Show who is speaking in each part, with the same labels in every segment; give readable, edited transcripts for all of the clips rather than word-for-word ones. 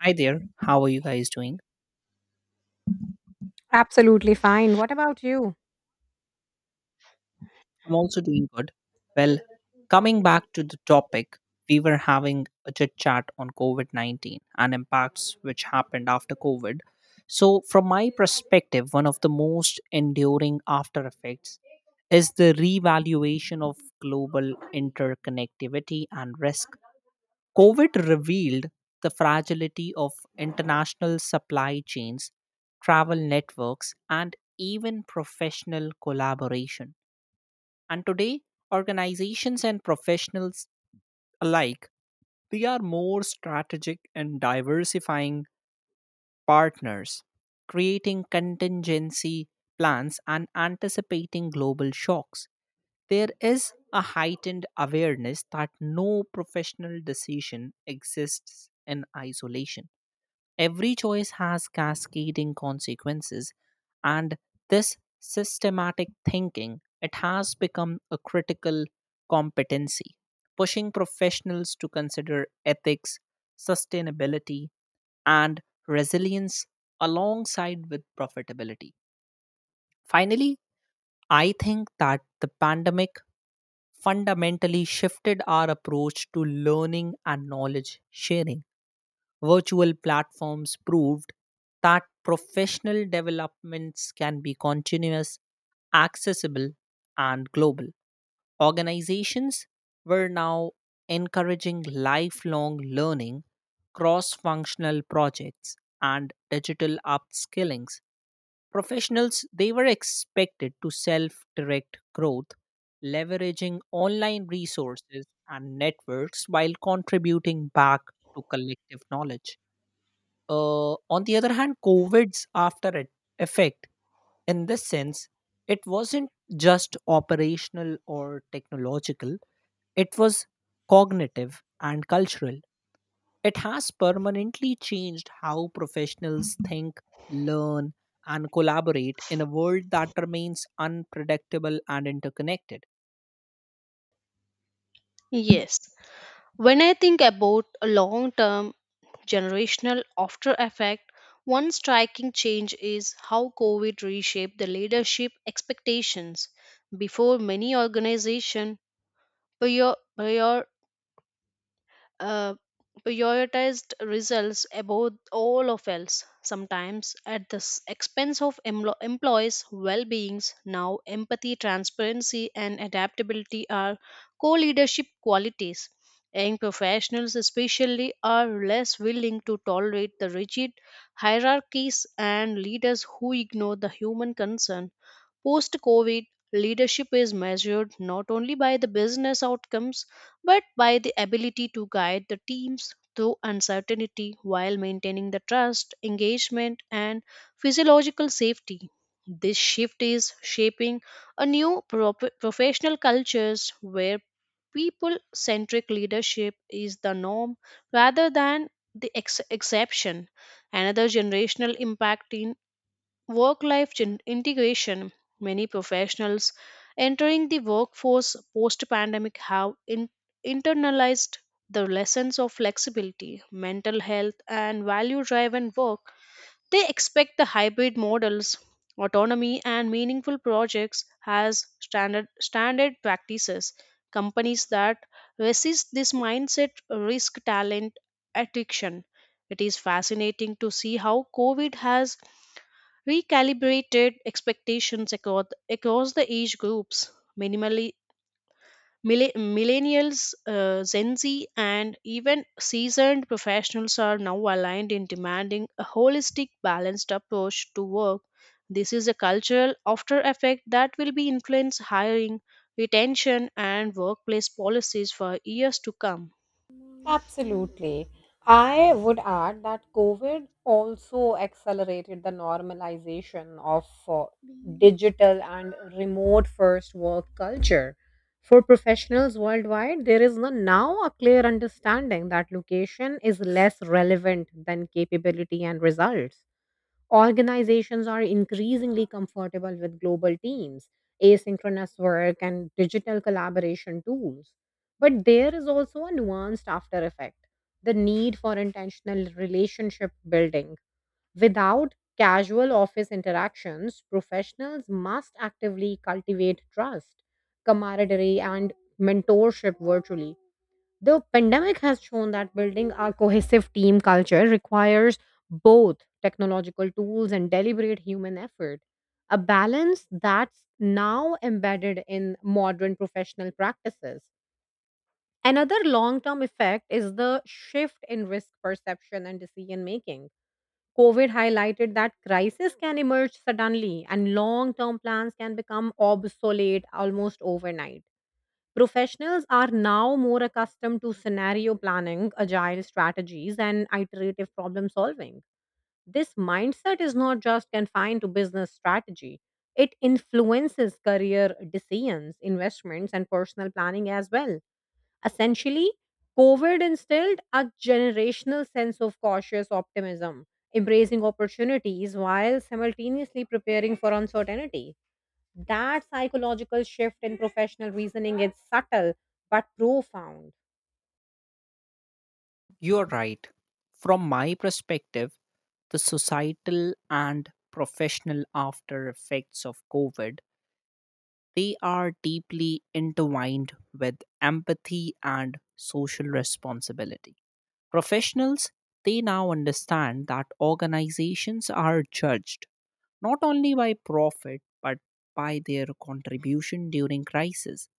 Speaker 1: Hi there, how are you guys doing?
Speaker 2: Absolutely fine. What about you?
Speaker 1: I'm also doing good. Well, coming back to the topic, we were having a chit chat on COVID 19 and impacts which happened after COVID. So, from my perspective, one of the most enduring after effects is the revaluation of global interconnectivity and risk. COVID revealed the fragility of international supply chains, travel networks, and even professional collaboration. And today, organizations and professionals alike, they are more strategic and diversifying partners, creating contingency plans, and anticipating global shocks. There is a heightened awareness that no professional decision exists in isolation. Every choice has cascading consequences, and this systematic thinking it has become a critical competency, pushing professionals to consider ethics, sustainability, and resilience alongside with profitability. Finally, I think that the pandemic fundamentally shifted our approach to learning and knowledge sharing. Virtual platforms proved that professional developments can be continuous, accessible, and global. Organizations were now encouraging lifelong learning, cross functional projects, and digital upskillings. Professionals they were expected to self direct growth, leveraging online resources and networks while contributing back to collective knowledge. On the other hand, COVID's after it effect in this sense, it wasn't just operational or technological, it was cognitive and cultural. It has permanently changed how professionals think, learn, and collaborate in a world that remains unpredictable and interconnected.
Speaker 3: Yes. When I think about a long term generational after effect, one striking change is how COVID reshaped the leadership expectations. Before many organizations prior, uh, prioritized results above all of else, sometimes at the expense of employees' well beings. Now, empathy, transparency, and adaptability are co leadership qualities. Young professionals, especially, are less willing to tolerate the rigid hierarchies and leaders who ignore the human concern. Post COVID, leadership is measured not only by the business outcomes, but by the ability to guide the teams through uncertainty while maintaining the trust, engagement, and physiological safety. This shift is shaping a new professional cultures where people centric leadership is the norm rather than the exception. Another generational impact in work life integration. Many professionals entering the workforce post pandemic have internalized the lessons of flexibility, mental health, and value driven work. They expect the hybrid models, autonomy, and meaningful projects as standard practices. Companies that resist this mindset risk talent attrition. It is fascinating to see how COVID has recalibrated expectations across the age groups, minimally millennials, gen z and even seasoned professionals are now aligned in demanding a holistic balanced approach to work. This is a cultural after effect that will be influence hiring, retention and workplace policies for years to come.
Speaker 2: Absolutely. I would add that COVID also accelerated the normalization of digital and remote first work culture. For professionals worldwide, there is now a clear understanding that location is less relevant than capability and results. Organizations are increasingly comfortable with global teams, asynchronous work, and digital collaboration tools. But there is also a nuanced after effect, the need for intentional relationship building. Without casual office interactions, professionals must actively cultivate trust, camaraderie, and mentorship virtually. The pandemic has shown that building a cohesive team culture requires both technological tools and deliberate human effort, a balance that's now embedded in modern professional practices. Another long term effect is the shift in risk perception and decision making. COVID highlighted that crises can emerge suddenly and long term plans can become obsolete almost overnight. Professionals are now more accustomed to scenario planning, agile strategies, and iterative problem solving. This mindset is not just confined to business strategy, it influences career decisions, investments, and personal planning as well. Essentially, COVID instilled a generational sense of cautious optimism, embracing opportunities while simultaneously preparing for uncertainty. That psychological shift in professional reasoning is subtle but profound.
Speaker 1: You're right. From my perspective, the societal and professional after effects of COVID, they are deeply intertwined with empathy and social responsibility. Professionals, they now understand that organizations are judged not only by profit but by their contribution during crisis.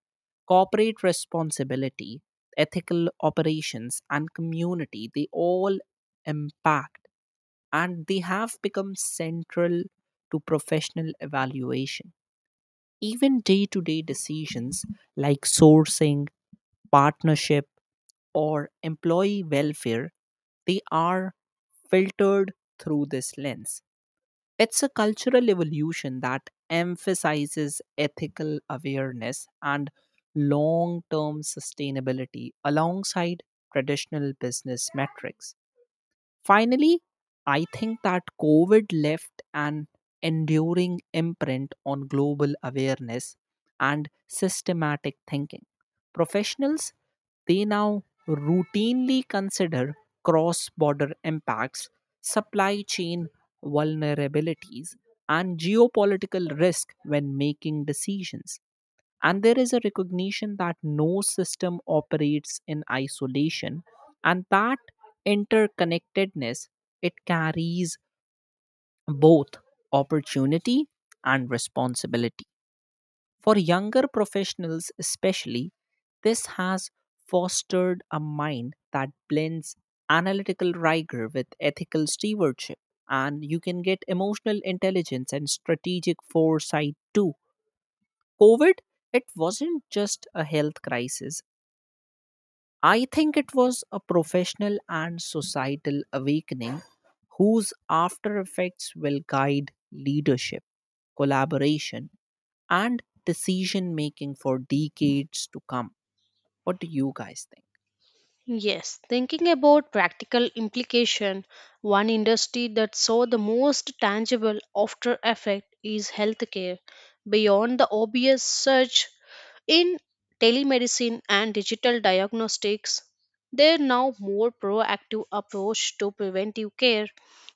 Speaker 1: Corporate responsibility, ethical operations, and community, they all impact and they have become central to professional evaluation. Even day to day decisions like sourcing, partnership, or employee welfare, they are filtered through this lens. It's a cultural evolution that emphasizes ethical awareness and long term sustainability alongside traditional business metrics. Finally, I think that COVID left an enduring imprint on global awareness and systematic thinking. Professionals, they now routinely consider cross border impacts, supply chain vulnerabilities, and geopolitical risk when making decisions. And there is a recognition that no system operates in isolation, and that interconnectedness it carries both opportunity and responsibility. For younger professionals, especially, this has fostered a mind that blends analytical rigor with ethical stewardship, and you can get emotional intelligence and strategic foresight too. COVID, it wasn't just a health crisis. I think it was a professional and societal awakening whose after effects will guide leadership, collaboration, and decision making for decades to come. What do you guys think?
Speaker 3: Yes, thinking about practical implication, one industry that saw the most tangible after effect is healthcare. Beyond the obvious surge in telemedicine and digital diagnostics, there are now more proactive approach to preventive care.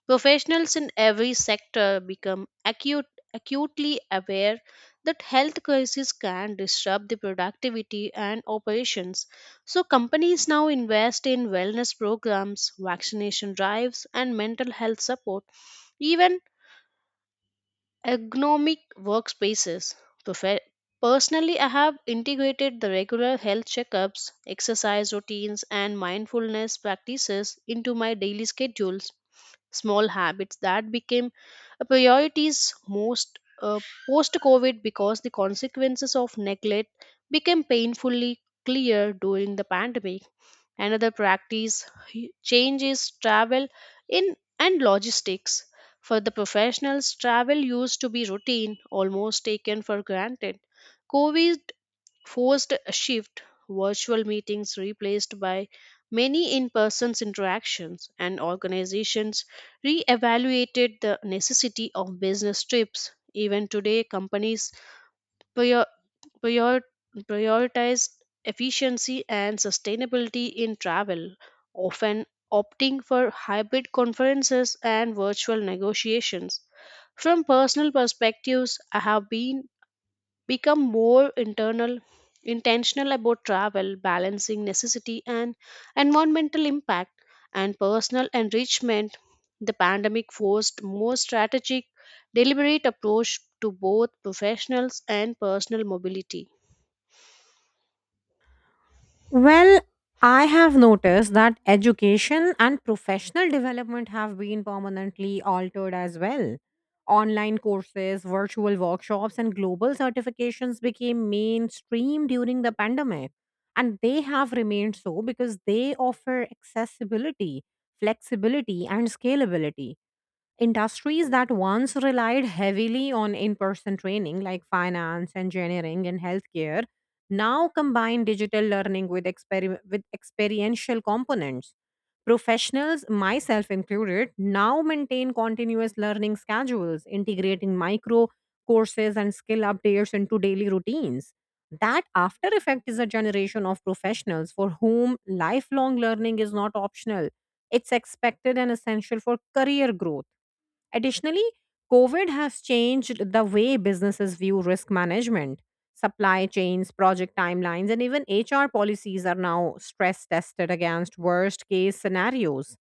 Speaker 3: Professionals in every sector become acutely aware that health crises can disrupt the productivity and operations. So companies now invest in wellness programs, vaccination drives, and mental health support. Even ergonomic workspaces. Profe- Personally, I have integrated the regular health checkups, exercise routines, and mindfulness practices into my daily schedules. Small habits that became a priorities most post COVID because the consequences of neglect became painfully clear during the pandemic. Another practice change is travel in and logistics. For the professionals, travel used to be routine, almost taken for granted. COVID forced a shift, virtual meetings replaced by many in person interactions, and organizations re-evaluated the necessity of business trips. Even today, companies prior- prior- prioritized efficiency and sustainability in travel, often opting for hybrid conferences and virtual negotiations. From personal perspectives, I have been become more internal intentional about travel, balancing necessity and environmental impact and personal enrichment. The pandemic forced more strategic, deliberate approach to both professionals and personal mobility.
Speaker 2: Well, I have noticed that education and professional development have been permanently altered as well. Online courses, virtual workshops, and global certifications became mainstream during the pandemic. And they have remained so because they offer accessibility, flexibility, and scalability. Industries that once relied heavily on in person training, like finance, engineering, and healthcare, now combine digital learning with experiential components. Professionals, myself included, now maintain continuous learning schedules, integrating micro courses and skill updates into daily routines. That after effect is a generation of professionals for whom lifelong learning is not optional, it's expected and essential for career growth. Additionally, COVID has changed the way businesses view risk management. Supply chains, project timelines, and even HR policies are now stress tested against worst case scenarios.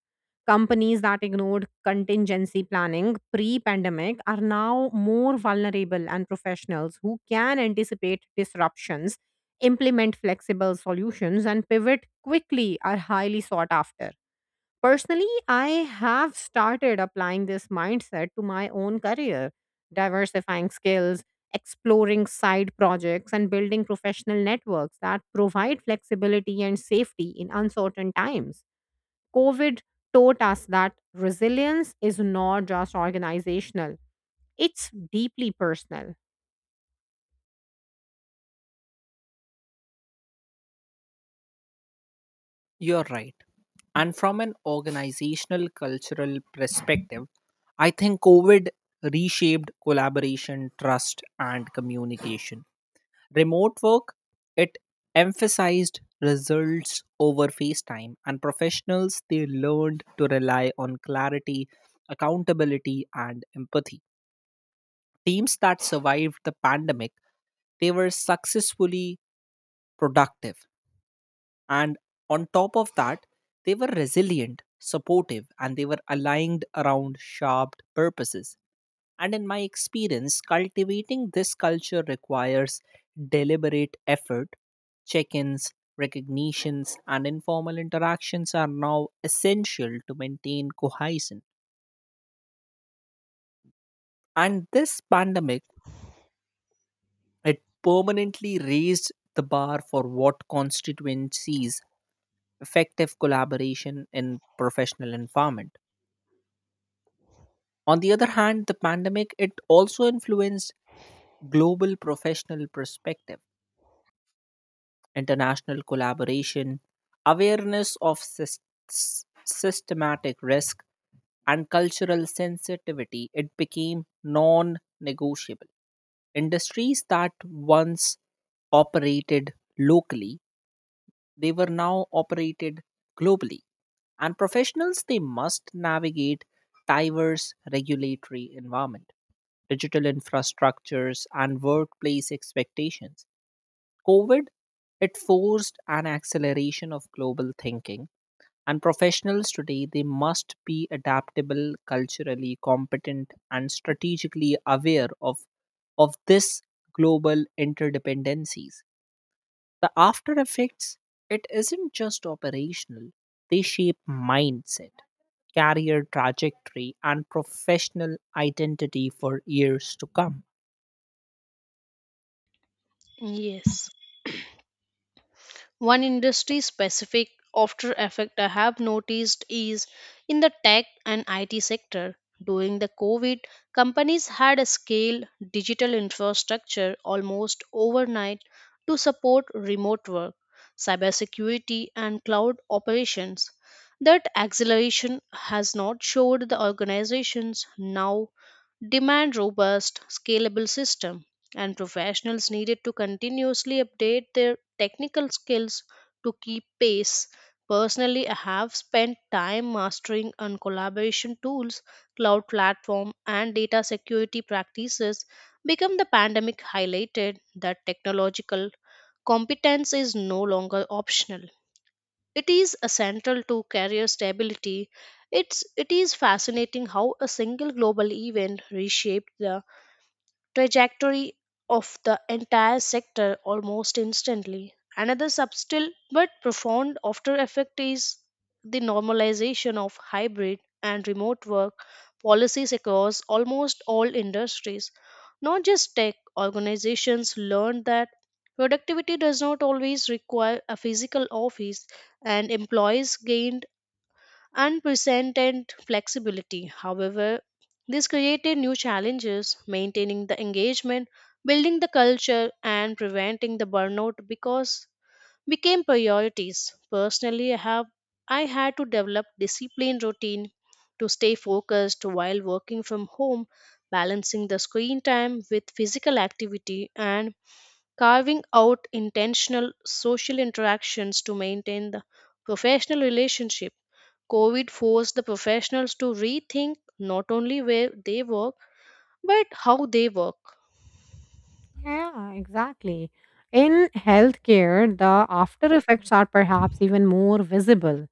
Speaker 2: Companies that ignored contingency planning pre pandemic are now more vulnerable, and professionals who can anticipate disruptions, implement flexible solutions, and pivot quickly are highly sought after. Personally, I have started applying this mindset to my own career, diversifying skills, exploring side projects, and building professional networks that provide flexibility and safety in uncertain times. COVID taught us that resilience is not just organizational, it's deeply personal.
Speaker 1: You're right. And from an organizational cultural perspective, I think COVID reshaped collaboration, trust, and communication. Remote work, it emphasized results over FaceTime, and professionals they learned to rely on clarity, accountability, and empathy. Teams that survived the pandemic, they were successfully productive. And on top of that, they were resilient, supportive, and they were aligned around sharp purposes. And in my experience, cultivating this culture requires deliberate effort. Check ins, recognitions, and informal interactions are now essential to maintain cohesion. And this pandemic, it permanently raised the bar for what constituencies effective collaboration in professional environment. On the other hand, the pandemic it also influenced global professional perspective, international collaboration, awareness of systematic risk, and cultural sensitivity, it became non negotiable. Industries that once operated locally, they were now operated globally. And professionals, they must navigate diverse regulatory environment, digital infrastructures, and workplace expectations. COVID, it forced an acceleration of global thinking. And professionals today, they must be adaptable, culturally competent, and strategically aware of this global interdependencies. The after effects, it isn't just operational, they shape mindset, career trajectory, and professional identity for years to come.
Speaker 3: Yes. One industry specific after effect I have noticed is in the tech and IT sector. During the COVID, companies had a scale digital infrastructure almost overnight to support remote work, cybersecurity, and cloud operations. That acceleration has not showed the organizations now demand robust, scalable system and professionals needed to continuously update their technical skills to keep pace. Personally, I have spent time mastering on collaboration tools, cloud platform, and data security practices. Become the pandemic highlighted that technological competence is no longer optional. It is essential to career stability. It is fascinating how a single global event reshaped the trajectory of the entire sector almost instantly. Another subtle but profound after effect is the normalization of hybrid and remote work policies across almost all industries. Not just tech, organizations learned that productivity does not always require a physical office, and employees gained unprecedented flexibility. However, this created new challenges maintaining the engagement, building the culture, and preventing the burnout because became priorities. Personally, I had to develop disciplined routine to stay focused while working from home, balancing the screen time with physical activity and carving out intentional social interactions to maintain the professional relationship. COVID forced the professionals to rethink not only where they work, but how they work.
Speaker 2: Yeah, exactly. In healthcare, the after effects are perhaps even more visible.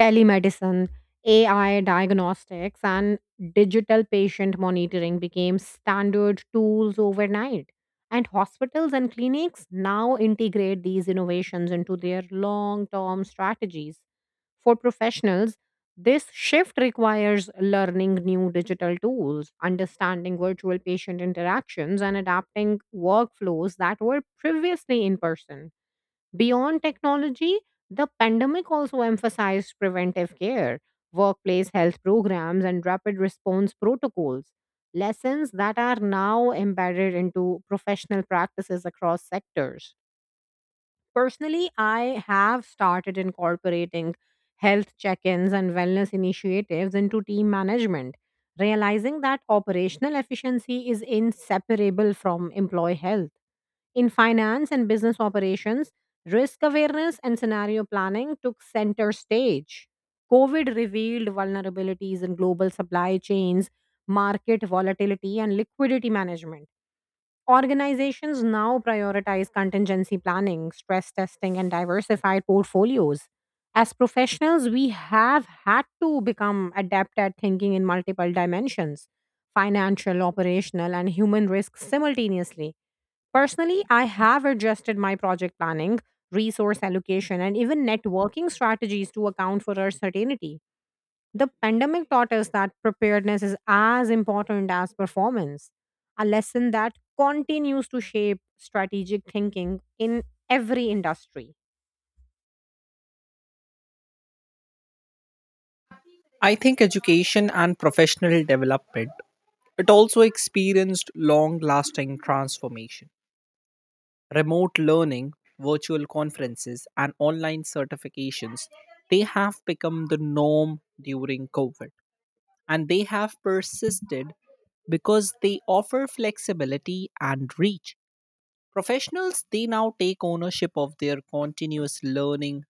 Speaker 2: Telemedicine, AI diagnostics, and digital patient monitoring became standard tools overnight. And hospitals and clinics now integrate these innovations into their long term strategies. For professionals, this shift requires learning new digital tools, understanding virtual patient interactions, and adapting workflows that were previously in person. Beyond technology, the pandemic also emphasized preventive care, workplace health programs, and rapid response protocols, lessons that are now embedded into professional practices across sectors. Personally, I have started incorporating health check ins and wellness initiatives into team management, realizing that operational efficiency is inseparable from employee health. In finance and business operations, risk awareness and scenario planning took center stage. COVID revealed vulnerabilities in global supply chains, market volatility, and liquidity management. Organizations now prioritize contingency planning, stress testing, and diversified portfolios. As professionals, we have had to become adept at thinking in multiple dimensions, financial, operational, and human risks simultaneously. Personally, I have adjusted my project planning, resource allocation, and even networking strategies to account for uncertainty. The pandemic taught us that preparedness is as important as performance, a lesson that continues to shape strategic thinking in every industry.
Speaker 1: I think education and professional development, it also experienced long lasting transformation. Remote learning, virtual conferences, and online certifications, they have become the norm during COVID. And they have persisted because they offer flexibility and reach. Professionals, they now take ownership of their continuous learning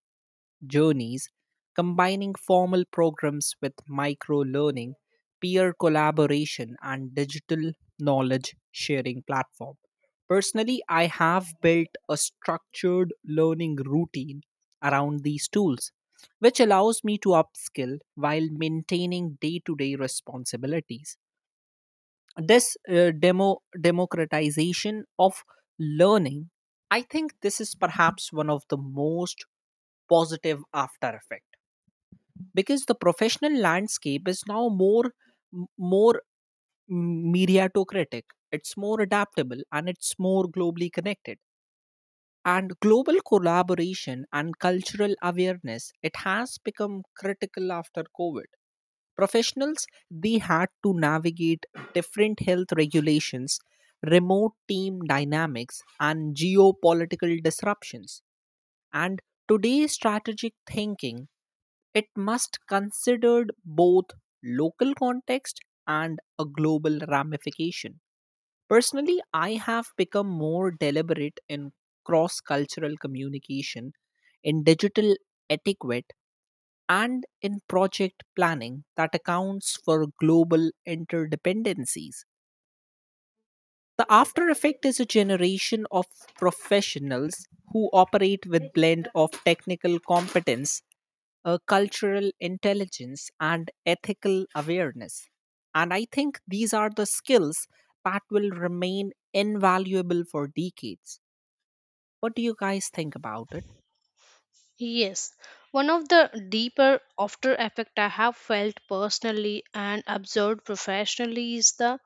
Speaker 1: journeys, combining formal programs with micro learning, peer collaboration, and digital knowledge sharing platform. Personally, I have built a structured learning routine around these tools, which allows me to upskill while maintaining day to day responsibilities. This democratization of learning, I think this is perhaps one of the most positive after effects because the professional landscape is now more meritocratic, it's more adaptable and it's more globally connected. And global collaboration and cultural awareness it has become critical after covid. Professionals, they had to navigate different health regulations, remote team dynamics, and geopolitical disruptions. And today's strategic thinking, it must considered both local context and a global ramification. Personally, I have become more deliberate in cross-cultural communication, in digital etiquette, and in project planning that accounts for global interdependencies. The after effect is a generation of professionals who operate with blend of technical competence, cultural intelligence, and ethical awareness. And I think these are the skills that will remain invaluable for decades. What do you guys think about it?
Speaker 3: Yes, one of the deeper after effect I have felt personally and observed professionally is the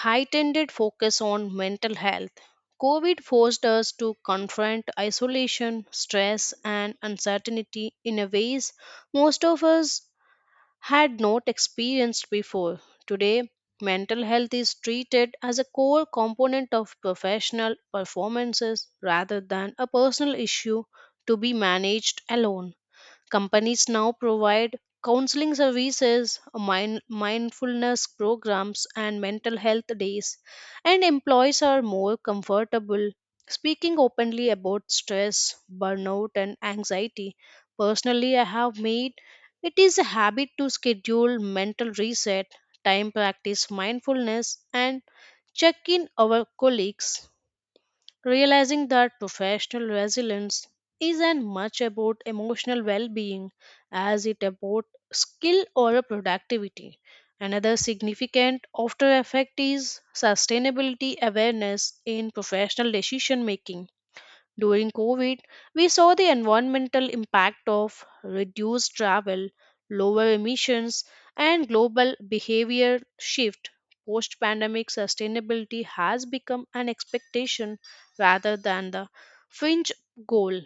Speaker 3: heightened focus on mental health. COVID forced us to confront isolation, stress, and uncertainty in a ways most of us had not experienced before. Today, mental health is treated as a core component of professional performances rather than a personal issue to be managed alone. Companies now provide counseling services, mindfulness programs, and mental health days, and employees are more comfortable speaking openly about stress, burnout, and anxiety. Personally, I have made it is a habit to schedule mental reset, time practice mindfulness, and check in our colleagues realizing that professional resilience isn't much about emotional well-being as it about skill or a productivity. Another significant after effect is sustainability awareness in professional decision making during COVID, we saw the environmental impact of reduced travel, lower emissions, and global behavior shift. Post pandemic sustainability has become an expectation rather than the fringe goal.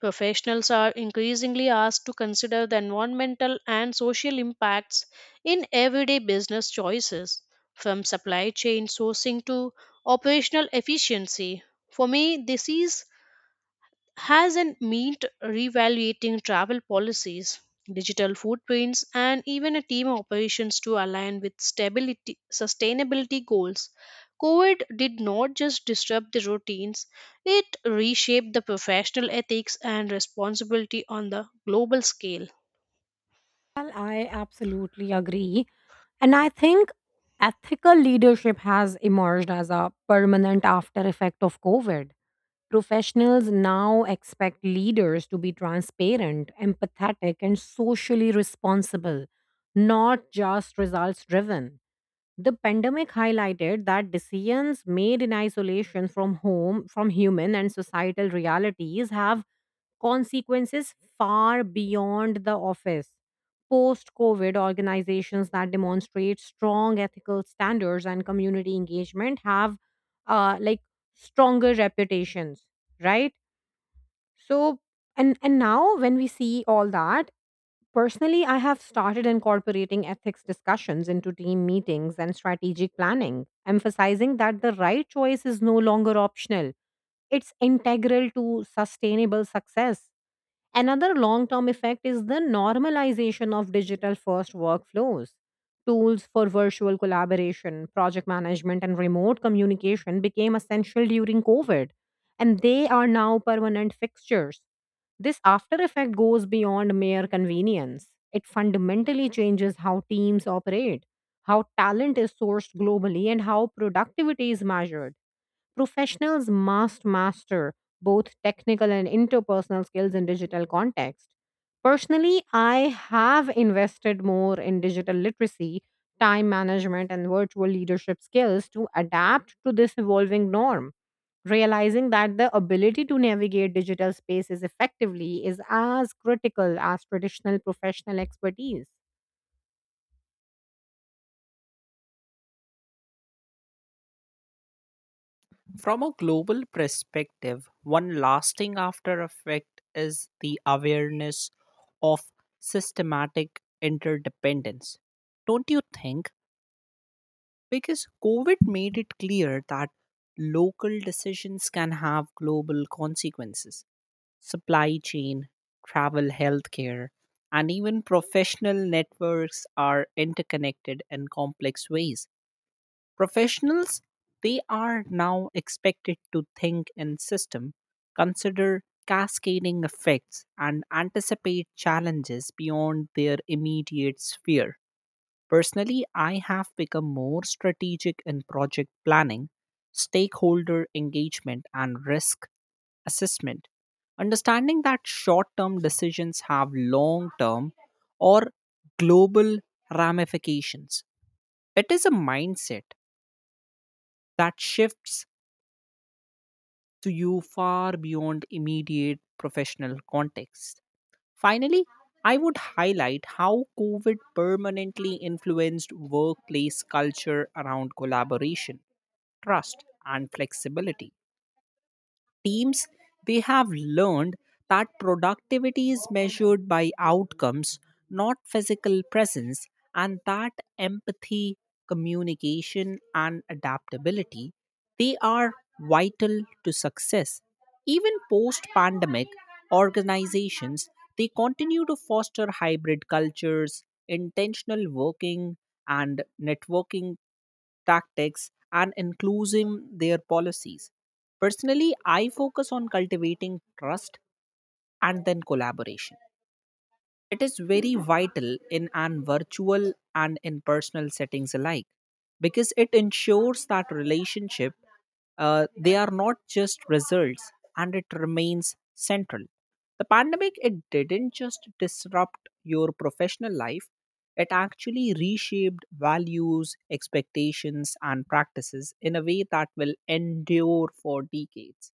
Speaker 3: Professionals are increasingly asked to consider the environmental and social impacts in everyday business choices, from supply chain sourcing to operational efficiency. For me, this is has not meant reevaluating travel policies, digital footprints, and even a team operations to align with stability sustainability goals. COVID did not just disrupt the routines, it reshaped the professional ethics and responsibility on the global scale.
Speaker 2: Well, I absolutely agree. And I think ethical leadership has emerged as a permanent after effect of COVID. Professionals now expect leaders to be transparent, empathetic, and socially responsible, not just results driven. The pandemic highlighted that decisions made in isolation from home, from human and societal realities, have consequences far beyond the office. Post COVID, organizations that demonstrate strong ethical standards and community engagement have uh, like stronger reputations, right? So, and now when we see all that, personally, I have started incorporating ethics discussions into team meetings and strategic planning, emphasizing that the right choice is no longer optional. It's integral to sustainable success. Another long term effect is the normalization of digital first workflows. Tools for virtual collaboration, project management, and remote communication became essential during COVID, and they are now permanent fixtures. This after effect goes beyond mere convenience. It fundamentally changes how teams operate, how talent is sourced globally, and how productivity is measured. Professionals must master both technical and interpersonal skills in digital context. Personally, I have invested more in digital literacy, time management, and virtual leadership skills to adapt to this evolving norm, realizing that the ability to navigate digital spaces effectively is as critical as traditional professional expertise.
Speaker 1: From a global perspective, one lasting after effect is the awareness of systematic interdependence. Don't you think? Because COVID made it clear that local decisions can have global consequences. Supply chain, travel, healthcare, and even professional networks are interconnected in complex ways. Professionals, they are now expected to think in system, consider cascading effects, and anticipate challenges beyond their immediate sphere. Personally, I have become more strategic in project planning, stakeholder engagement, and risk assessment. Understanding that short term decisions have long term or global ramifications. It is a mindset that shifts to you far beyond immediate professional context. Finally, I would highlight how COVID permanently influenced workplace culture around collaboration, trust, and flexibility. Teams, they have learned that productivity is measured by outcomes, not physical presence, and that empathy, communication and adaptability, they are vital to success. Even post pandemic, organizations, they continue to foster hybrid cultures, intentional working, and networking tactics, and including their policies. Personally, I focus on cultivating trust and then collaboration. It is very vital in an virtual and in personal settings alike because it ensures that relationship they are not just results and it remains central. The pandemic it didn't just disrupt your professional life, it actually reshaped values, expectations and practices in a way that will endure for decades.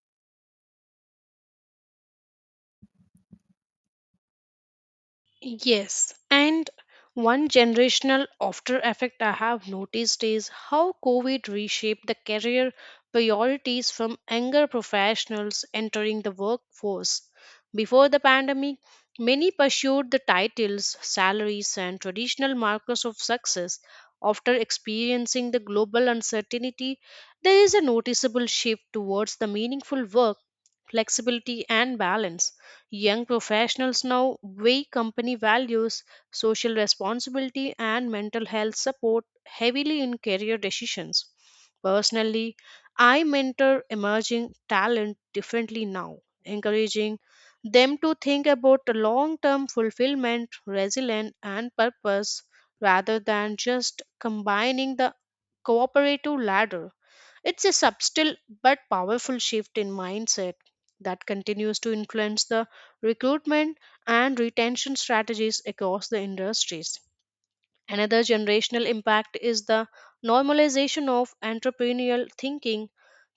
Speaker 3: Yes, and one generational after effect I have noticed is how COVID reshaped the career priorities from younger professionals entering the workforce. Before the pandemic, many pursued the titles, salaries, and traditional markers of success. After experiencing the global uncertainty, there is a noticeable shift towards the meaningful work flexibility, and balance. Young professionals now weigh company values, social responsibility, and mental health support heavily in career decisions. Personally, I mentor emerging talent differently now, encouraging them to think about long term fulfillment, resilience, and purpose rather than just combining the cooperative ladder. It's a subtle but powerful shift in mindset that continues to influence the recruitment and retention strategies across the industries. Another generational impact is the normalization of entrepreneurial thinking.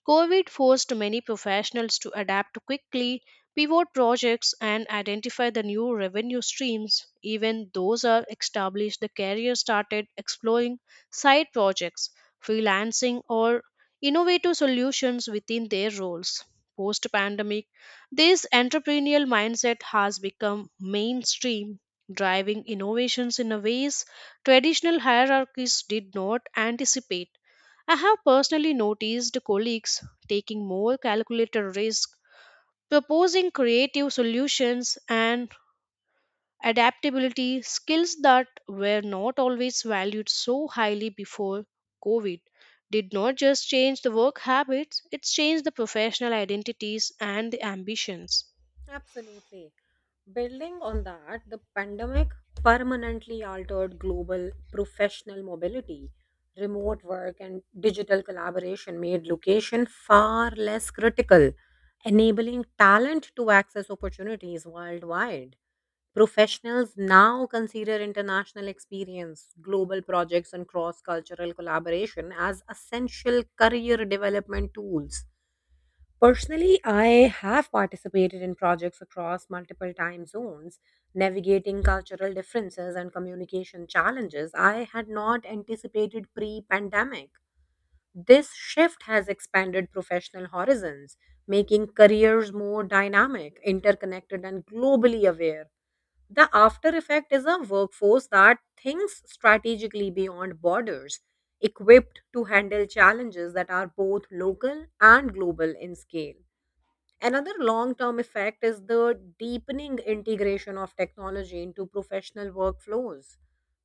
Speaker 3: COVID forced many professionals to adapt quickly, pivot projects, and identify the new revenue streams. Even those are established, the career started exploring side projects, freelancing, or innovative solutions within their roles. Post pandemic, this entrepreneurial mindset has become mainstream, driving innovations in a ways traditional hierarchies did not anticipate. I have personally noticed colleagues taking more calculated risks, proposing creative solutions and adaptability skills that were not always valued so highly before COVID. Did not just change the work habits, it changed the professional identities and the ambitions.
Speaker 2: Absolutely. Building on that, the pandemic permanently altered global professional mobility. Remote work and digital collaboration made location far less critical, enabling talent to access opportunities worldwide. Professionals now consider international experience, global projects, and cross cultural collaboration as essential career development tools. Personally, I have participated in projects across multiple time zones, navigating cultural differences and communication challenges I had not anticipated pre pandemic. This shift has expanded professional horizons, making careers more dynamic, interconnected, and globally aware. The after effect is a workforce that thinks strategically beyond borders, equipped to handle challenges that are both local and global in scale. Another long term effect is the deepening integration of technology into professional workflows.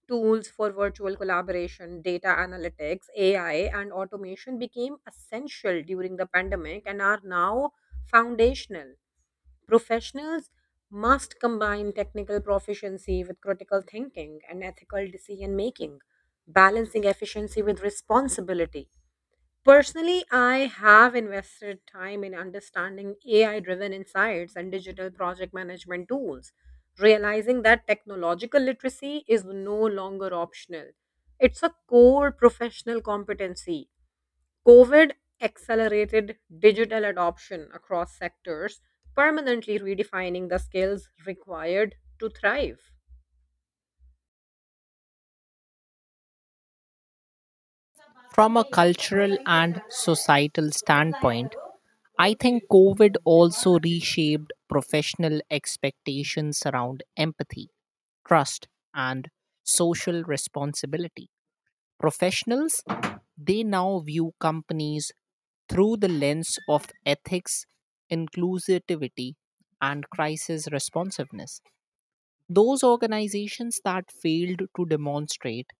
Speaker 2: Tools for virtual collaboration, data analytics, AI, and automation became essential during the pandemic and are now foundational. Professionals must combine technical proficiency with critical thinking and ethical decision making, balancing efficiency with responsibility. Personally, I have invested time in understanding AI driven insights and digital project management tools, realizing that technological literacy is no longer optional. It's a core professional competency. COVID accelerated digital adoption across sectors, permanently redefining the skills required to thrive.
Speaker 1: From a cultural and societal standpoint, I think COVID also reshaped professional expectations around empathy, trust, and social responsibility. Professionals, they now view companies through the lens of ethics, inclusivity, and crisis responsiveness. Those organizations that failed to demonstrate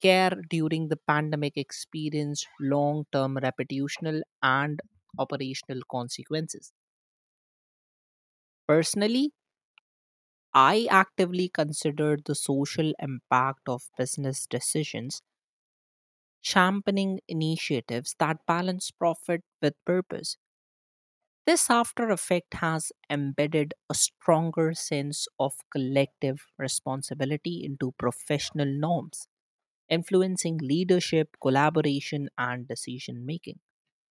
Speaker 1: care during the pandemic experienced long term reputational and operational consequences. Personally, I actively consider the social impact of business decisions, championing initiatives that balance profit with purpose. This after effect has embedded a stronger sense of collective responsibility into professional norms, influencing leadership, collaboration, and decision making.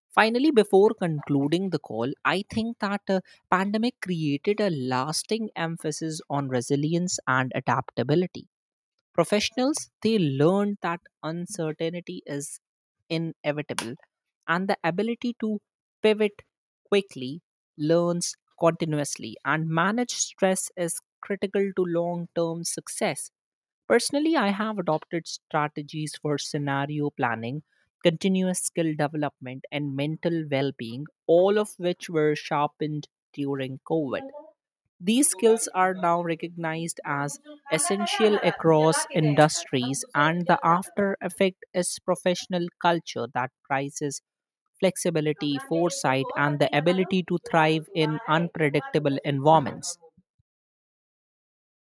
Speaker 1: Finally, before concluding the call, I think that pandemic created a lasting emphasis on resilience and adaptability. Professionals, they learned that uncertainty is inevitable and the ability to pivot quickly, learns continuously, and manage stress is critical to long term success. Personally, I have adopted strategies for scenario planning, continuous skill development, and mental well being, all of which were sharpened during COVID. These skills are now recognized as essential across industries, and the after effect is professional culture that prizes flexibility, foresight, and the ability to thrive in unpredictable environments.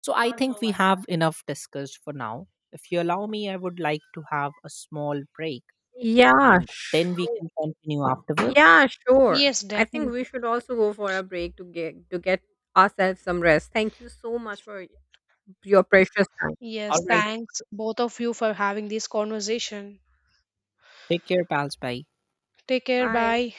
Speaker 1: So, I think we have enough discussed for now. If you allow me, I would like to have a small break
Speaker 2: Yeah,
Speaker 1: and then we
Speaker 2: sure.
Speaker 1: can continue afterwards.
Speaker 2: Yeah, sure.
Speaker 3: Yes,
Speaker 2: I think
Speaker 3: definitely.
Speaker 2: we should also go for a break to get ourselves some rest. Thank you so much for your precious time.
Speaker 1: All
Speaker 3: Yes,
Speaker 1: right,
Speaker 3: thanks both of you for having this conversation.
Speaker 1: take care, pals. Bye.
Speaker 3: Take care.
Speaker 2: Bye.
Speaker 3: Bye.